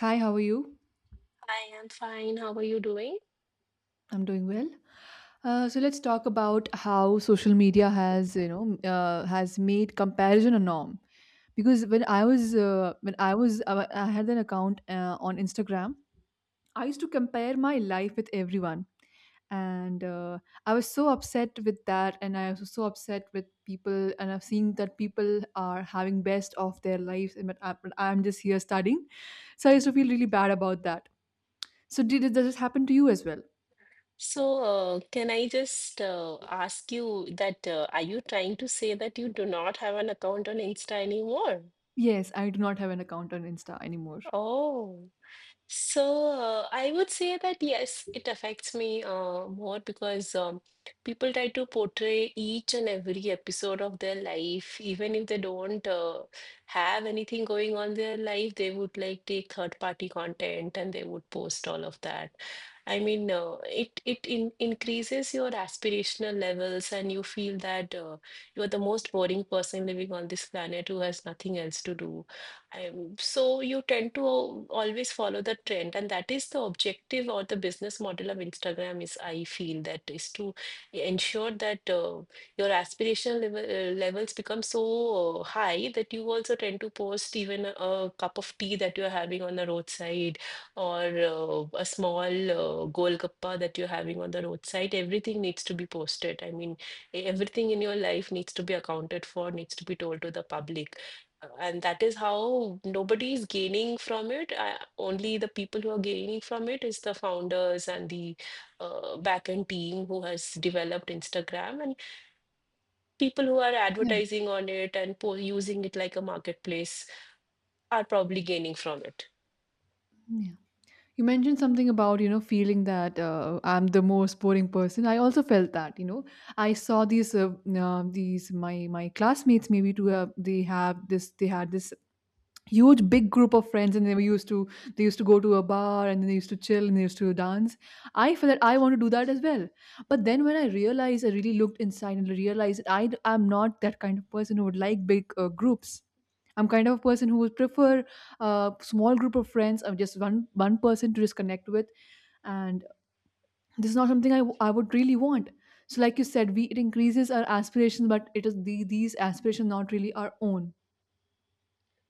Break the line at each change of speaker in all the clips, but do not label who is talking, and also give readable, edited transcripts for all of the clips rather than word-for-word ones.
Hi, how are you?
I am fine. How are you doing?
I'm doing well. So let's talk about how social media has made comparison a norm. Because when I was, I had an account on Instagram. I used to compare my life with everyone, and I was so upset with that, and I was so upset with people, and I've seen that people are having best of their lives, and but I'm just here studying. So I used to feel really bad about that. So did this happen to you as well?
So can I just ask you that are you trying to say that you do not have an account on Insta anymore?
Yes, I do not have an account on Insta anymore.
Oh. So I would say that yes, it affects me more because people try to portray each and every episode of their life, even if they don't have anything going on in their life, they would like take third-party content and they would post all of that. I mean, it it in increases your aspirational levels, and you feel that you are the most boring person living on this planet who has nothing else to do. So you tend to always follow the trend, and that is the objective or the business model of Instagram is, I feel that is to ensure that your aspirational levels become so high that you also tend to post even a cup of tea that you're having on the roadside or a small golgappa that you're having on the roadside. Everything needs to be posted. I mean, everything in your life needs to be accounted for, needs to be told to the public and that is how nobody is gaining from it. Only the people who are gaining from it is the founders and the backend team who has developed Instagram, and people who are
Yeah,
advertising on it and using it like a marketplace are probably gaining from it.
yeah. You mentioned something about, you know, feeling that I'm the most boring person. I also felt that, you know, I saw these my classmates maybe to they had this huge big group of friends, and they used to go to a bar, and then they used to chill and they used to dance. I feel that I want to do that as well, but then when I realized, I really looked inside and realized that I am not that kind of person who would like big groups. I'm kind of a person who would prefer a small group of friends, of just one person to just connect with. And this is not something I would really want. So like you said, we it increases our aspirations, but it is these aspirations not really our own.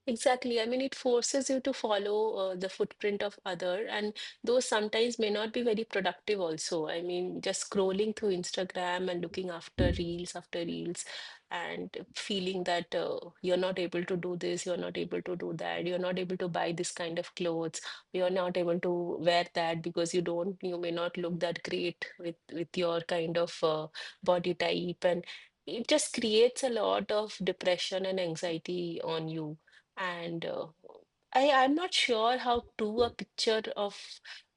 Exactly. I mean, it forces you to follow the footprint of other, and those sometimes may not be very productive also. I mean, just scrolling through Instagram and looking after reels and feeling that you're not able to do this, you're not able to do that, you're not able to buy this kind of clothes, you're not able to wear that because you don't, you may not look that great with your kind of body type and it just creates a lot of depression and anxiety on you and I'm not sure how true a picture of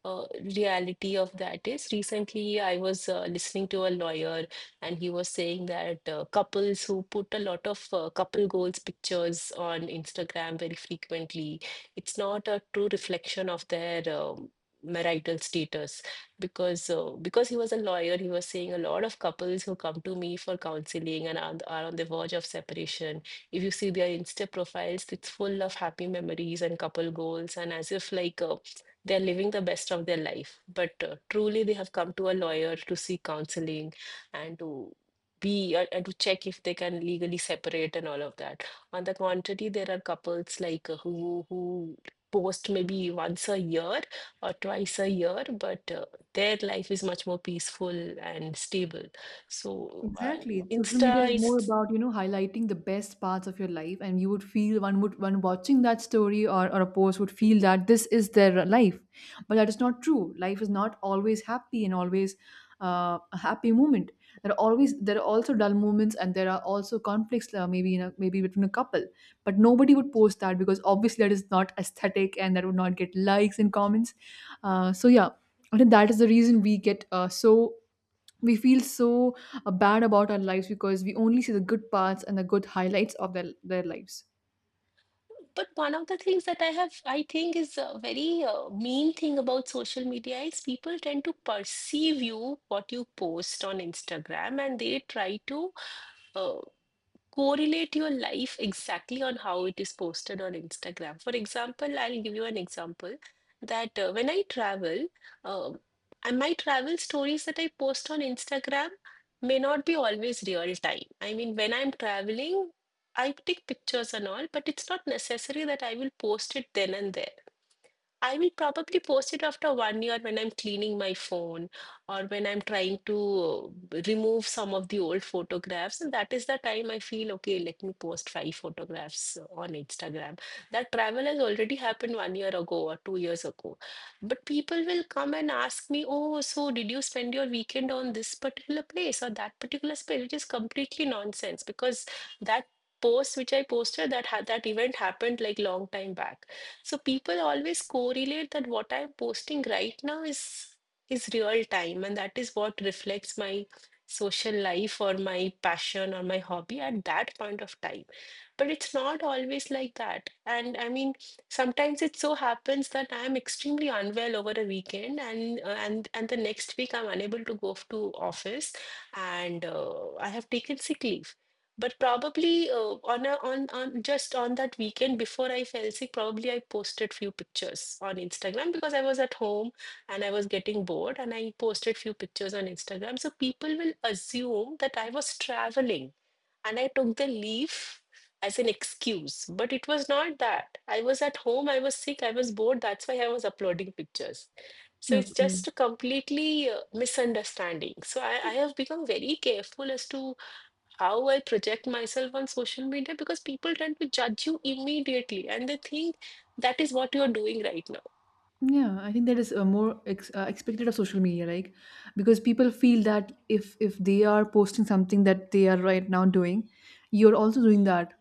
uh, reality of that is. Recently, I was listening to a lawyer, and he was saying that couples who put a lot of couple goals pictures on Instagram very frequently, it's not a true reflection of their marital status because he was a lawyer, he was saying a lot of couples who come to me for counseling and are on the verge of separation if you see their Insta profiles, it's full of happy memories and couple goals, and as if like they're living the best of their life. But truly, they have come to a lawyer to seek counseling and to be and to check if they can legally separate and all of that. On the contrary, there are couples like who post maybe once a year or twice a year, but their life is much more peaceful and stable. So
Exactly. Social media is
Insta
more
is
about, you know, highlighting the best parts of your life, and you would feel one watching that story or a post would feel that this is their life. But that is not true. Life is not always happy and always a happy moment. There are always there are also dull moments, and there are also conflicts maybe in a, maybe between a couple. But nobody would post that because obviously that is not aesthetic, and that would not get likes and comments. So yeah, I think that is the reason we get so we feel so bad about our lives, because we only see the good parts and the good highlights of their lives.
but one of the things that I have, I think, is a very mean thing about social media is people tend to perceive you what you post on Instagram, and they try to uh, correlate your life exactly on how it is posted on Instagram. For example, I'll give you an example that when I travel, um, and my travel stories that I post on Instagram may not be always real time. I mean, when I'm traveling, I take pictures and all, but it's not necessary that I will post it then and there. I will probably post it after 1 year when I'm cleaning my phone or when I'm trying to remove some of the old photographs. And that is the time I feel, okay, let me post five photographs on Instagram. That travel has already happened 1 year ago or 2 years ago. But people will come and ask me, oh, so did you spend your weekend on this particular place or that particular space? Which is completely nonsense because that post which I posted, that event happened like long time back. So people always correlate that what I'm posting right now is real time, and that is what reflects my social life or my passion or my hobby at that point of time but it's not always like that. And I mean, sometimes it so happens that I'm extremely unwell over a weekend, and the next week I'm unable to to office, and I have taken sick leave. But probably on a, on on just on that weekend before I fell sick, probably I posted few pictures on Instagram because I was at home and I was getting bored, and I posted few pictures on Instagram. So people will assume that I was traveling and I took the leave as an excuse, but it was not that. I was at home, I was sick, I was bored, that's why I was uploading pictures. So it's
Okay,
just a completely misunderstanding. So I have become very careful as to how I project myself on social media because people tend to judge you immediately and they think that is what you're doing right
yeah, I think that is expected of social media, like because people feel that if they are posting something that they are right now doing, you're also doing that.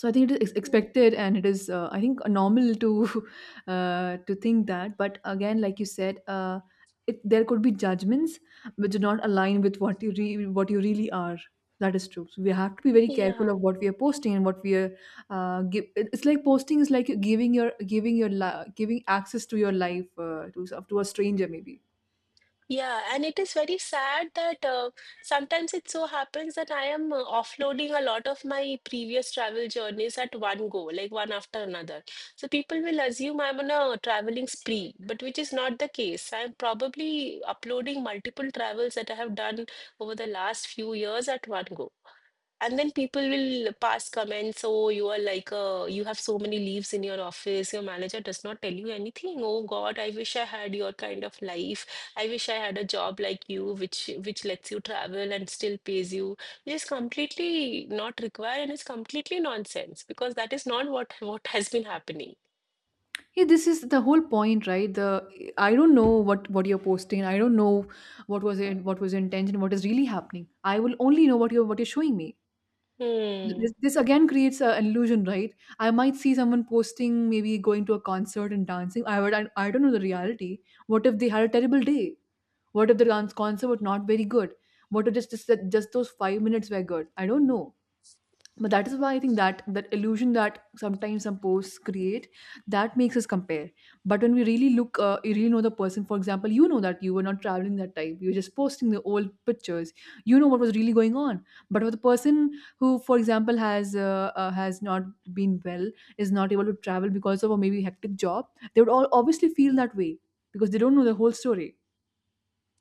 So I think it is
now.
expected, and it is I think normal to to think that. But again, like you said, there could be judgments which do not align with what you really are. That is true, so we have to be very careful of
Yeah.
what we are posting and what we are it's like posting is like giving access to your life to a stranger maybe.
Yeah, and it is very sad that sometimes it so happens that I am offloading a lot of my previous travel journeys at one go, like one after another. So people will assume I'm on a traveling spree, but which is not the case. I'm probably uploading multiple travels that I have done over the last few years at one go. And then people will pass comments, oh, you are like you have so many leaves in your office. Your manager does not tell you anything. Oh God, I wish I had your kind of life. I wish I had a job like you, which lets you travel and still pays you. It is completely not required and it's completely nonsense because that is not what has been happening.
Yeah, this is the whole point, right? The I don't know what you're posting. I don't know what was your intention, what is really happening. I will only know what you're showing me.
Hmm.
This again creates an illusion, right? I might see someone posting, maybe going to a concert and dancing. I don't know the reality. What if they had a terrible day? What if the dance concert was not very good? What if just those 5 minutes were good? I don't know, but that is why I think that that illusion that sometimes some posts create, that makes us compare. But when we really look, you really know the person. For example, you know that you were not traveling that time, you were just posting the old pictures. You know what was really going on. But with a person who, for example, has not been well, is not able to travel because of a maybe hectic job, they would all obviously feel that way because they don't know the whole story.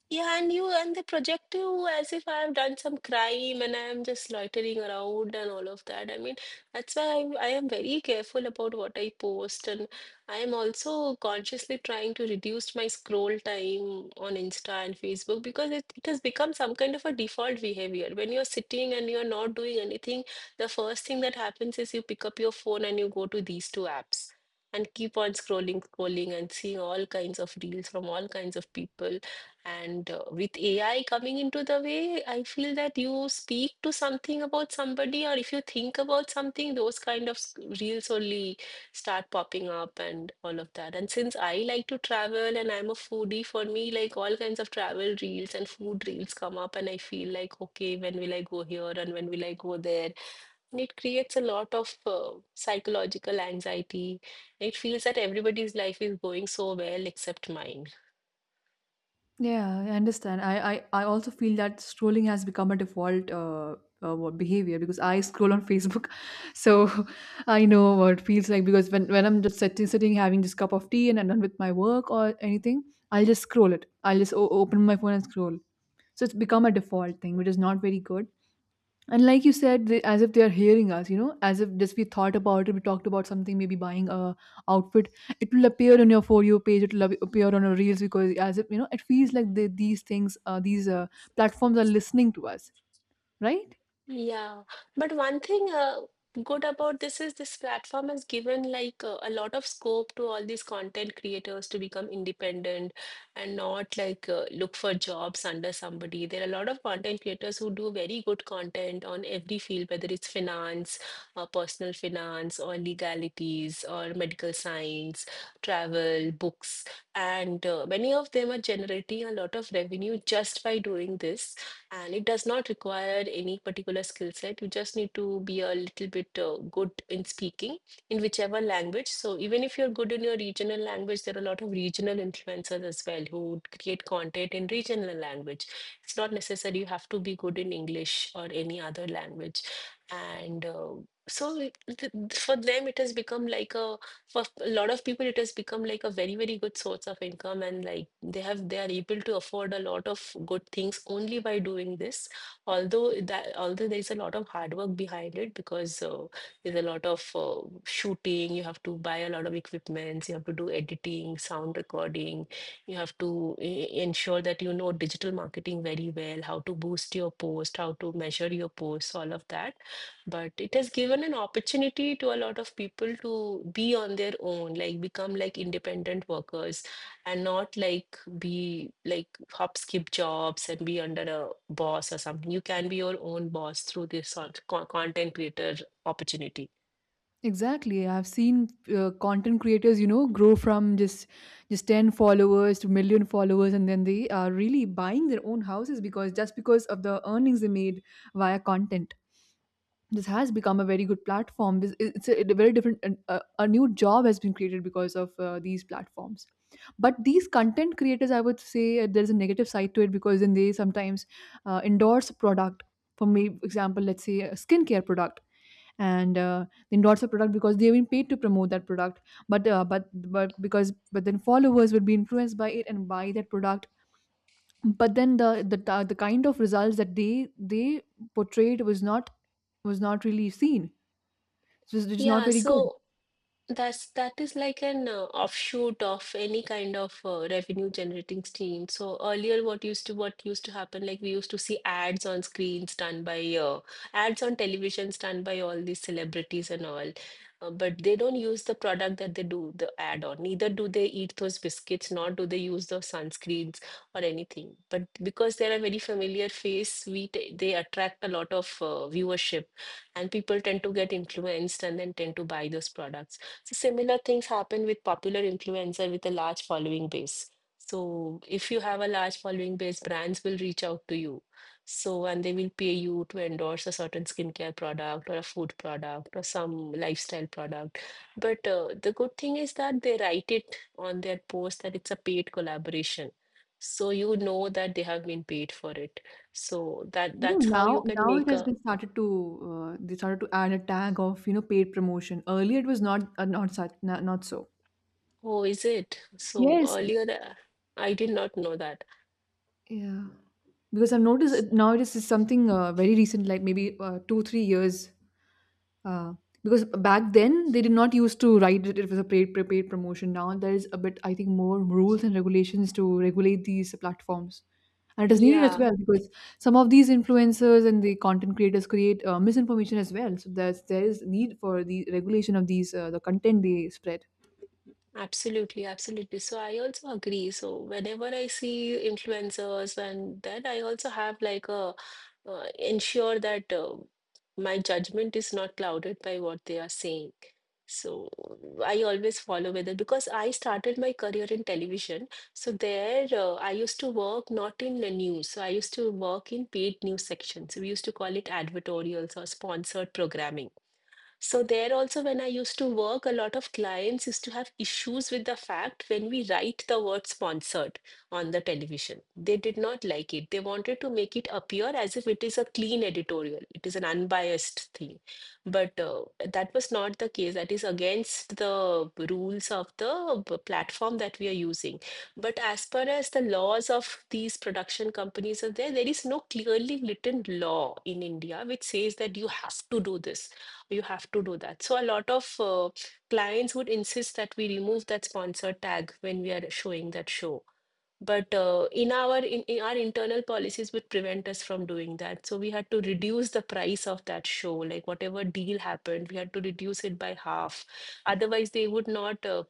Yeah, and you and they project you as if I have done some crime and I am just loitering around and all of that. I mean, that's why I am very careful about what I post, and I am also consciously trying to reduce my scroll time on Insta and Facebook because it has become some kind of a default behavior. When you're sitting and you're not doing anything, the first thing that happens is you pick up your phone and you go to these two apps. And keep on scrolling, scrolling, and seeing all kinds of reels from all kinds of people and with AI coming into the way, I feel that you speak to something about somebody, or if you think about something, those reels only start popping up and all of that. And since I like to travel and I'm a foodie, for me, like all kinds of travel reels and food reels come up, and I feel like, okay, when will I go here and when will I go there? And it creates a lot of psychological anxiety. It feels that everybody's life is going so well except mine.
Yeah, I understand. I also feel that scrolling has become a default what behavior, because I scroll on Facebook, so I know what it feels like. Because when I'm just sitting having this cup of tea and I'm done with my work or anything, I'll just scroll it. I'll just open my phone and scroll. So it's become a default thing, which is not very good. And like you said, as if they are hearing us, you know, as if just we thought about it, we talked about something, maybe buying a outfit. It will appear on your for you page. It will appear on your reels, because as if you know, it feels like these things, these platforms are listening to us, right?
Yeah, but one thing good about this is this platform has given like a lot of scope to all these content creators to become independent and not like look for jobs under somebody. There are a lot of content creators who do very good content on every field, whether it's finance, personal finance, or legalities, or medical science, travel, books, and many of them are generating a lot of revenue just by doing this and it does not require any particular skill set. You just need to be a little bit good in speaking in whichever language. So even if you're good in your regional language, there are a lot of regional influencers as well who create content in regional language. It's not necessary you have to be good in English or any other language. And so it- th- th- for them, it has become like a For a lot of people it has become like a very good source of income, and like they are able to afford a lot of good things only by doing this. Although there is a lot of hard work behind it, because there's a lot of shooting, you have to buy a lot of equipments, you have to do editing, sound recording. You have to ensure that you know digital marketing very well, how to boost your post, how to measure your posts, all of that. But it has given an opportunity to a lot of people to be on their own, like become like independent workers and not like be like hop skip jobs and be under a boss or something. You can be your own boss through this sort of content creator opportunity.
Exactly. I've seen content creators, you know, grow from just 10 followers to million followers, and then they are really buying their own houses, because just because of the earnings they made via content. This has become a very good platform. It's a very different, a new job has been created because of these platforms. But these content creators, I would say, there's a negative side to it, because then they sometimes endorse a product. For me, example, let's say a skincare product, and they endorse a product because they've been paid to promote that product. But uh, but but because but then followers would be influenced by it and buy that product. But then the kind of results that they portrayed was not, was not really seen. It was not
Yeah,
very good.
so that's that is like an offshoot of any kind of revenue generating stream. So earlier, what used to happen, like we used to see ads on screens done by ads on televisions done by all these celebrities and all, but they don't use the product that they do the ad on. Neither do they eat those biscuits, nor do they use those sunscreens or anything. But because they're a very familiar face, we t they attract a lot of viewership, and people tend to get influenced and then tend to buy those products. So similar things happen with popular influencer with a large following base. So if you have a large following base, brands will reach out to you. So and they will pay you to endorse a certain skincare product or a food product or some lifestyle product. But the good thing is that they write it on their post that it's a paid collaboration. So you know that they have been paid for it. So
I think
that's how you can
now it
make
has
a,
been started to, they started to add a tag of, you know, paid promotion. Earlier it was not, not such not, not so.
oh, is it? So
Yes,
earlier I did not know that.
yeah, because I've noticed it. Now it is something very recent, like maybe 2 3 years. Uh, because back then they did not used to write it, it was a paid prepaid promotion. Now there is a bit, I think, more rules and regulations to regulate these platforms, and it is needed as
Yeah,
well because some of these influencers and the content creators create misinformation as well. So there is need for the regulation of these the content they spread.
absolutely, absolutely. So I also agree. So whenever I see influencers and that, I also have like a ensure that my judgment is not clouded by what they are saying. So I always follow whether, because I started my career in television. So there, I used to work not in the news. So I used to work in paid news sections. So we used to call it advertorials or sponsored programming. So there also, when I used to work, a lot of clients used to have issues with the fact when we write the word sponsored on the television. They did not like it. They wanted to make it appear as if it is a clean editorial. It is an unbiased thing. But that was not the case. That is against the rules of the platform that we are using. But as far as the laws of these production companies are there, there is no clearly written law in India which says that you have to do this, you have to do that. So a lot of clients would insist that we remove that sponsor tag when we are showing that show. But in our internal policies would prevent us from doing that. So we had to reduce the price of that show. Like whatever deal happened, we had to reduce it by half. Otherwise,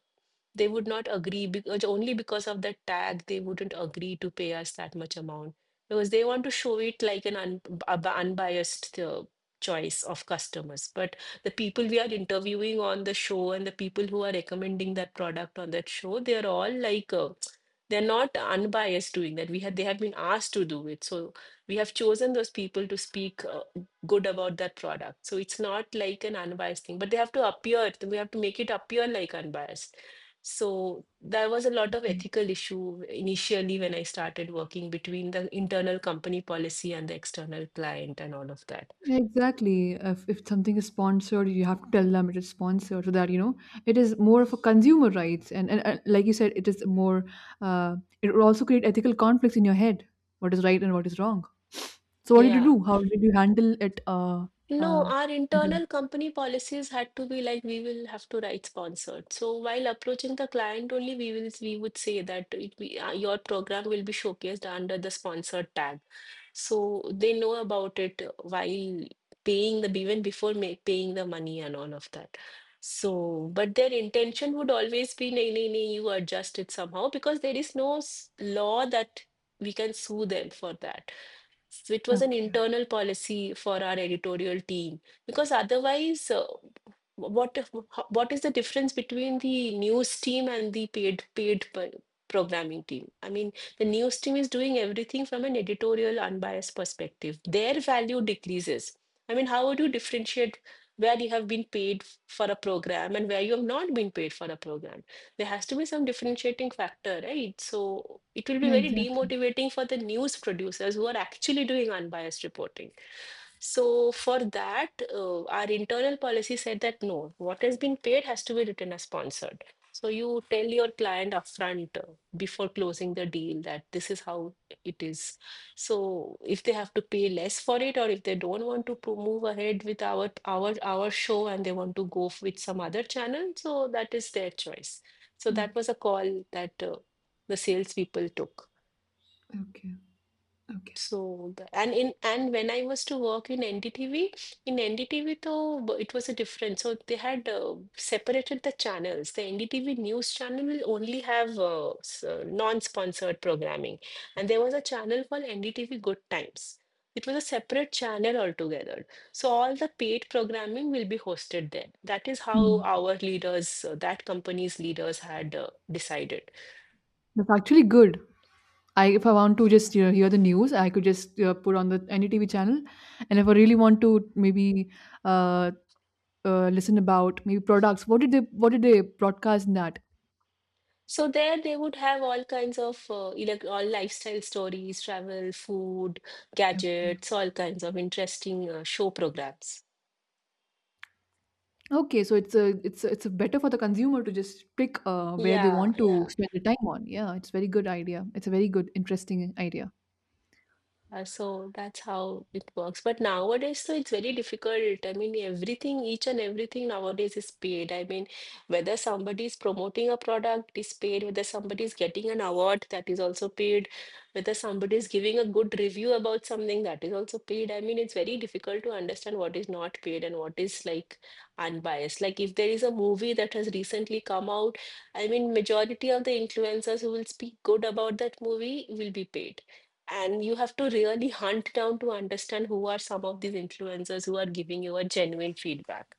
they would not agree, because only because of the tag they wouldn't agree to pay us that much amount, because they want to show it like an a unbiased choice of customers. But the people we are interviewing on the show and the people who are recommending that product on that show, they are all like they're not unbiased doing that. We had They have been asked to do it. So we have chosen those people to speak good about that product. So it's not like an unbiased thing, but they have to appear, we have to make it appear like unbiased. So there was a lot of ethical issue initially when I started working between the internal company policy and the external client and all of that.
Yeah, exactly. If something is sponsored, you have to tell them it is sponsored, so that, you know, it is more of a consumer rights. And like you said, it is more, uh, it will also create ethical conflicts in your head. What is right and what is wrong. So what did you
Yeah.
do? How did you handle it?
No,
Uh,
our
in term-
internal company policies had to be like, we will have to write sponsored. So while approaching the client only, we would say that your program will be showcased under the sponsored tag. So they know about it while paying the, even before paying the money and all of that. So, but their intention would always be, nay, nay, nay, you adjust it somehow, because there is no law that we can sue them for that. So it was an
okay.
internal policy for our editorial team, because otherwise, what if- what is the difference between the news team and the paid programming team? I mean, the news team is doing everything from an editorial unbiased perspective. Their value decreases. I mean, how would you differentiate where you have been paid for a program and where you have not been paid for a program? There has to be some differentiating factor, right? So it will be
Yeah,
very
exactly.
demotivating for the news producers who are actually doing unbiased reporting. So for that, our internal policy said that no, what has been paid has to be written as sponsored. So you tell your client upfront before closing the deal that this is how it is. So if they have to pay less for it, or if they don't want to move ahead with our show and they want to go with some other channel, so that is their choice. So that
Okay.
was a call that the salespeople took.
Okay. Okay.
So, and when I was to work in NDTV, in NDTV it was a different. So they had separated the channels. The NDTV news channel will only have non-sponsored programming, and there was a channel called NDTV Good Times. It was a separate channel altogether. So all the paid programming will be hosted there. That is how
Hmm.
our leaders, that company's leaders had decided.
That's actually good. I, if I want to just, you know, hear the news, I could just put on the any TV channel, and if I really want to maybe uh, listen about maybe products. What did they, what did they broadcast in that?
So there they would have all kinds of all lifestyle stories, travel, food,
Okay.
gadgets, all kinds of interesting show programs.
Okay, so it's a better for the consumer to just pick where they
Yeah,
want to
yeah.
spend the time on. Yeah, it's very good idea. It's a very good interesting idea.
So that's how it works. But nowadays, so it's very difficult. I mean, everything, each and everything nowadays is paid. I mean, whether somebody is promoting a product is paid, whether somebody is getting an award, that is also paid, whether somebody is giving a good review about something, that is also paid. I mean, it's very difficult to understand what is not paid and what is like unbiased. Like if there is a movie that has recently come out, I mean, majority of the influencers who will speak good about that movie will be paid, and you have to really hunt down to understand who are some of these influencers who are giving you a genuine feedback.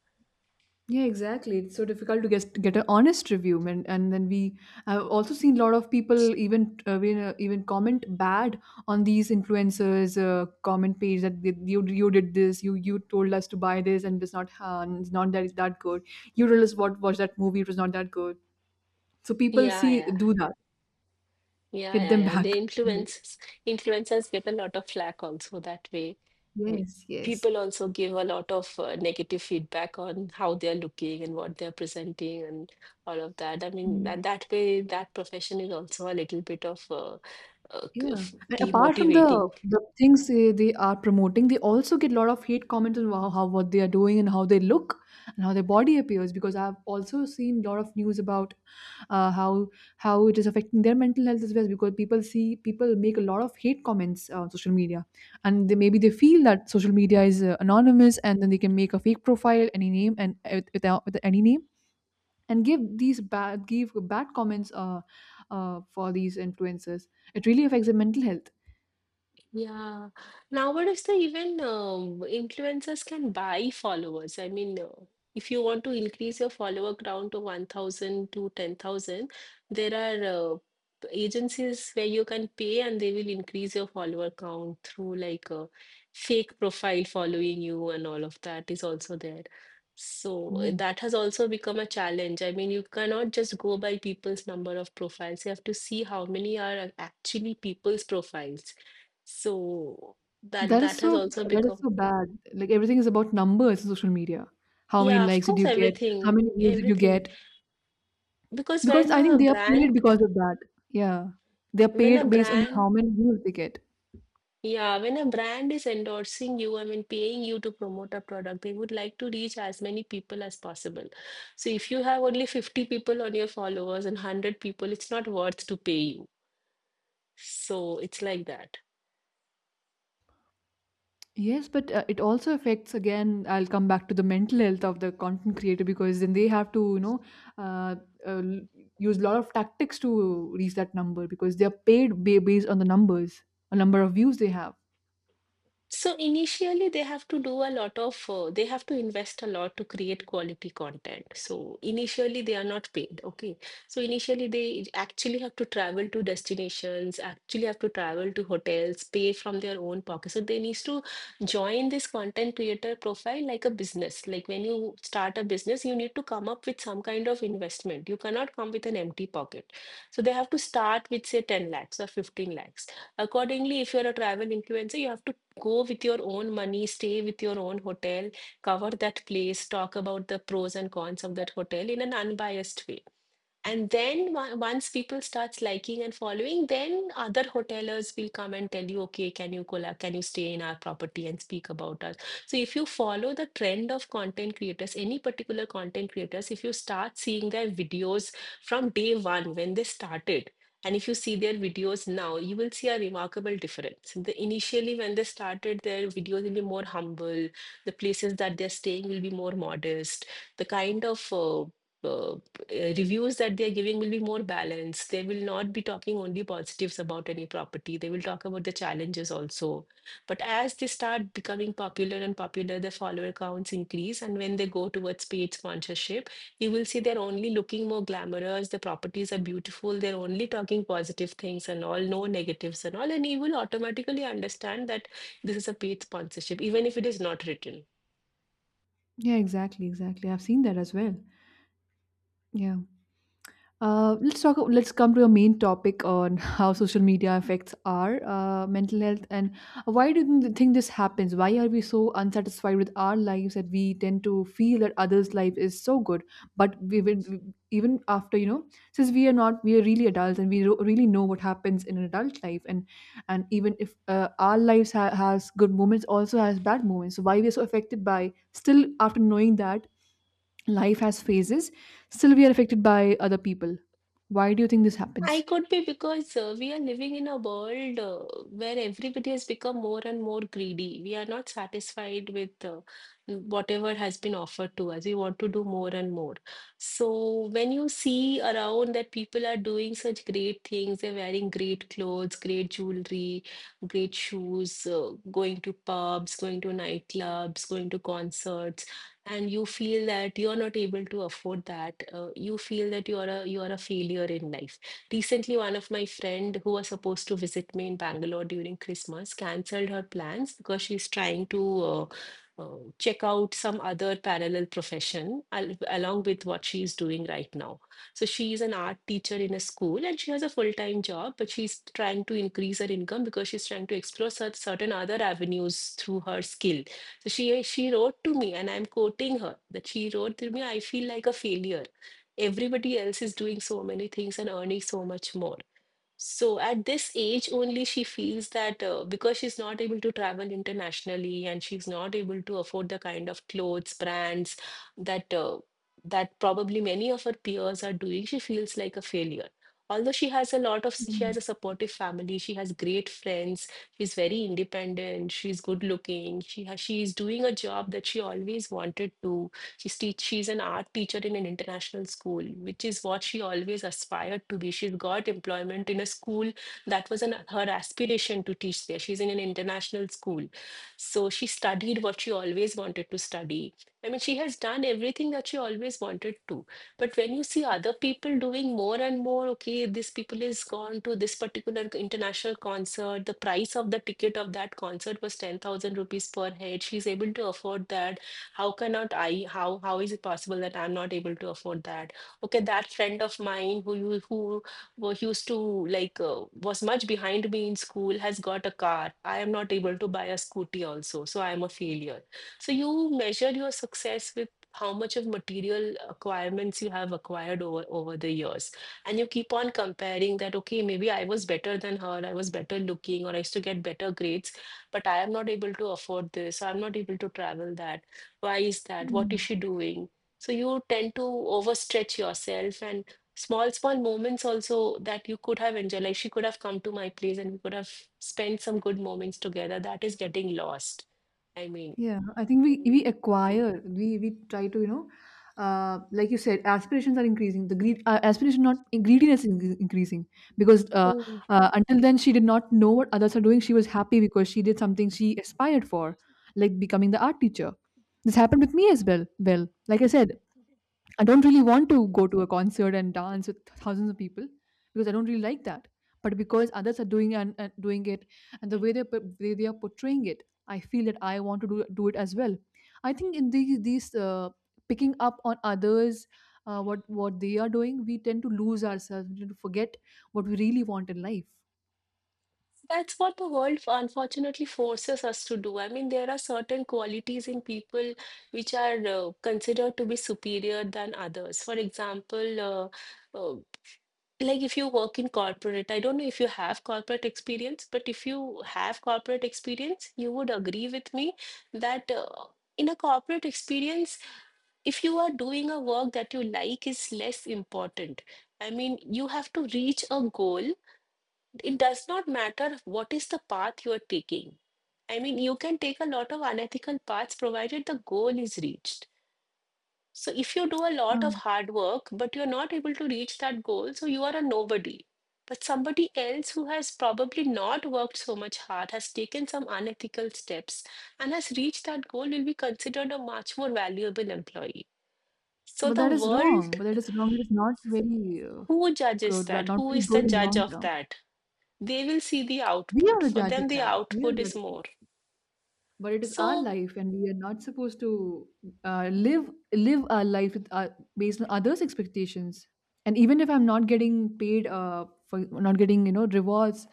Yeah, exactly. It's so difficult to get an honest review, and then we, I've also seen a lot of people even comment bad on these influencers' comment page, that you did this, you told us to buy this, and it's not that it's that good. You told us what watch that movie, it was not that good. So people
Yeah,
see
yeah,
do that,
yeah,
hit
yeah,
them
yeah, the
back. Right.
influencers get a lot of flack also that way. I mean,
Yes, yes.
people also give a lot of negative feedback on how they're looking and what they're presenting and all of that. I mean
Mm.
that way that profession is also a little bit of
Yeah, and apart from the
demotivating.
the things they are promoting, they also get a lot of hate comments on how what they are doing and how they look and how their body appears. Because I've also seen a lot of news about uh, how how it is affecting their mental health as well. Because people see people make a lot of hate comments on social media, and they, maybe they feel that social media is anonymous, and then they can make a fake profile, any name, and without with any name and give these bad comments for these influencers. It really affects their mental health.
Yeah. Nowadays, the even influencers can buy followers. I mean, if you want to increase your follower count to 1,000 to 10,000, there are agencies where you can pay and they will increase your follower count through like a fake profile following you, and all of that is also there. So
Oh,
that has also become a challenge. I mean, you cannot just go by people's number of profiles. You have to see how many are actually people's profiles. So that
that is
that
so
has also
that is
become,
so bad. Like everything is about numbers in social media. How many
yeah, of
likes did
course,
you get? How many
everything,
views did you
everything.
get?
Because
Because I think they are paid because of that. Yeah, they are
when a
paid based on
brand,
how many views they get.
yeah, when a brand is endorsing you, I mean, paying you to promote a product, they would like to reach as many people as possible. So if you have only 50 people on your followers and 100 people, it's not worth to pay you. So it's like that.
Yes, but it also affects again. I'll come back to the mental health of the content creator because then they have to, you know, uh, uh, l- use a lot of tactics to reach that number because they are paid based on the numbers, a number of views they have.
So initially, they have to do a lot of, they have to invest a lot to create quality content. So initially, they are not paid. Okay. So initially, they actually have to travel to destinations, actually have to travel to hotels, pay from their own pocket. So they needs to join this content creator profile like a business. Like when you start a business, you need to come up with some kind of investment. You cannot come with an empty pocket. So they have to start with, say, 10 lakhs or 15 lakhs, accordingly. If you're a travel influencer, you have to go with your own money, stay with your own hotel, cover that place, talk about the pros and cons of that hotel in an unbiased way. And then once people starts liking and following, then other hotelers will come and tell you, okay, can you collab, can you stay in our property and speak about us? So if you follow the trend of content creators, any particular content creators, if you start seeing their videos from day one when they started, and if you see their videos now, you will see a remarkable difference. The, initially, when they started, their videos will be more humble. The places that they're staying will be more modest. The kind of uh, reviews that they're giving will be more balanced. They will not be talking only positives about any property. They will talk about the challenges also. But as they start becoming popular and popular, the follower counts increase. And when they go towards paid sponsorship, you will see they're only looking more glamorous. The properties are beautiful. They're only talking positive things and all, no negatives and all. And you will automatically understand that this is a paid sponsorship, even if it is not written.
Yeah, exactly, exactly. I've seen that as well. Yeah. Let's talk. Let's come to your main topic on how social media affects our mental health and why do you think this happens? Why are we so unsatisfied with our lives that we tend to feel that others' life is so good, but we will, even after you know, since we are not we are really adults and we really know what happens in an adult life, and even if our lives has good moments, also has bad moments, so why we are so affected by, still after knowing that life has phases, still we are affected by other people. Why do you think this
I
happens?
could be because we are living in a world where everybody has become more and more greedy. We are not satisfied with whatever has been offered to us. We want to do more and more. So when you see around that people are doing such great things, they're wearing great clothes, great jewelry, great shoes, going to pubs, going to nightclubs, going to concerts, and you feel that you're not able to afford that. You feel that you're a failure in life. Recently, one of my friend who was supposed to visit me in Bangalore during Christmas cancelled her plans because she's trying to check out some other parallel along with what she's doing right now. So she is an art teacher in a school and she has a full-time job, but she's trying to increase her income because she's trying to explore certain other avenues through her skill. So she wrote to me, and I'm quoting her that she wrote to me, I feel like a failure. Everybody else is doing so many things and earning so much more. So at this age only, she feels that because she's not able to travel internationally and she's not able to afford the kind of clothes, brands that that probably many of her peers are doing, she feels like a failure. Although she has a lot of, she
Mm,
has a supportive family, she has great friends, she's very independent, she's good looking, she has, she is doing a job that she always wanted to. She's, teach, she's an art teacher in an international school, which is what she always aspired to be. She's got employment in a school that was an, her aspiration to teach there. She's in an international school. So she studied what she always wanted to study. I mean, she has done everything that she always wanted to. But when you see other people doing more and more, okay, this people is gone to this particular international concert, the price of the ticket of that concert was 10,000 rupees per head. She's able to afford that, how cannot I, how is it possible that I'm not able to afford that? Okay, that friend of mine who you who used to like was much behind me in school has got a car, I am not able to buy a scooty also, so I am a failure. So you measure your success with how much of material acquirements you have acquired over over the years, and you keep on comparing that okay maybe I was better than her, I was better looking or I used to get better grades, but I am not able to afford this so I'm not able to travel that. Why is that, what is
mm.
she doing? So you tend to overstretch yourself, and small small moments also that you could have enjoyed, like she could have come to my place and we could have spent some good moments together, that is getting lost. I mean.
Yeah, I think we acquire we try to, you know, like you said, aspirations are increasing, the greed, aspiration, not greediness is increasing. Because
Mm.
until then she did not know what others are doing. She was happy because she did something she aspired for, like becoming the art teacher. This happened with me as well. Well, like I said, I don't really want to go to a concert and dance with thousands of people, because I don't really like that. But because others are doing and doing it, and the way they are portraying it, I feel that I want to do it as well. I think in these picking up on others, what they are doing, we tend to lose ourselves. We tend to forget what we really want in life.
That's what the world unfortunately forces us to do. I mean, there are certain qualities in people which are considered to be superior than others. For example, uh, like if you work in corporate, I don't know if you have corporate experience, but if you have corporate experience you would agree with me that in a corporate experience, if you are doing a work that you like is less important. I mean you have to reach a goal, it does not matter what is the path you are taking. I mean you can take a lot of unethical paths provided the goal is reached. So if you do a lot of
Um,
hard work, but you're not able to reach that goal, so you are a nobody. But somebody else who has probably not worked so much hard, has taken some unethical steps, and has reached that goal will be considered a much more valuable employee. So
But
the
that is
world,
wrong. But that is wrong. It is not very uh,
who judges
good.
that?
Not
Who
very
is the
good in
judge
long
of
term.
that? They will see the
We
output.
are the
For
judge of
them, the
that. We are
output
the
is
judge of
more.
But it is our
So,
life and we are not supposed to, live our life with, based on others expectations. And even if I'm not getting paid, for not getting you know rewards,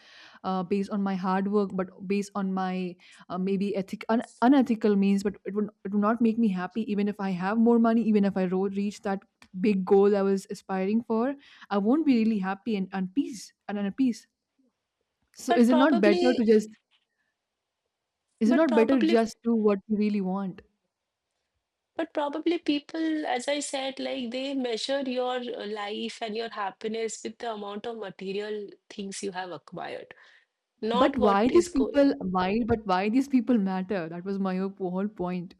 based on my hard work, but based on my maybe unethical means, but it would not make me happy, even if I have more money, even if I reach that big goal I was aspiring for, I won't be really happy and peace and at peace. So
but
is it not better
probably,
to just, is it
but
not better
probably
just do what you really want?
but probably people, as I said, like they measure your life and your happiness with the amount of material things you have acquired, not
But
what
why
is
these
going.
people why but why these people matter? That was my whole point.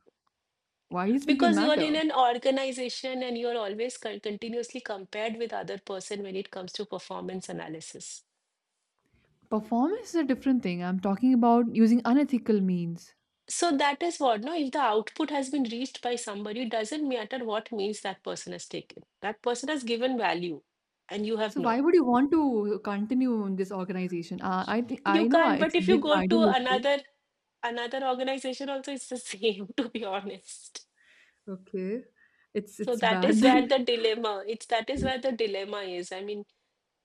Why these people
Because you are
matter?
in an organization and you are always continuously compared with other person when it comes to performance analysis.
Performance is a different thing. I'm talking about using unethical means.
So that is what, no, if the output has been reached by somebody, it doesn't matter what means that person has taken. That person has given value and you have
So why
not.
would you want to continue in this organization? I think
You can't, but
it's a
if you
bit
go to
idealistic.
another another organization also, it's the same to be honest.
Okay.
So
It's
that
bad
is
then.
where the dilemma, it's that is where the dilemma is, I mean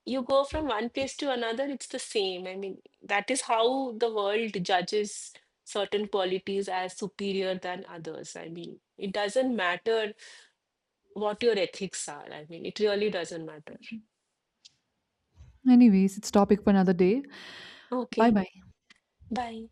you go from one place to another it's the same. I mean that is how the world judges certain qualities as superior than others. I mean it doesn't matter what your ethics are, I mean it really doesn't matter.
Anyways, it's topic for another day. Bye
Okay,
bye.
bye.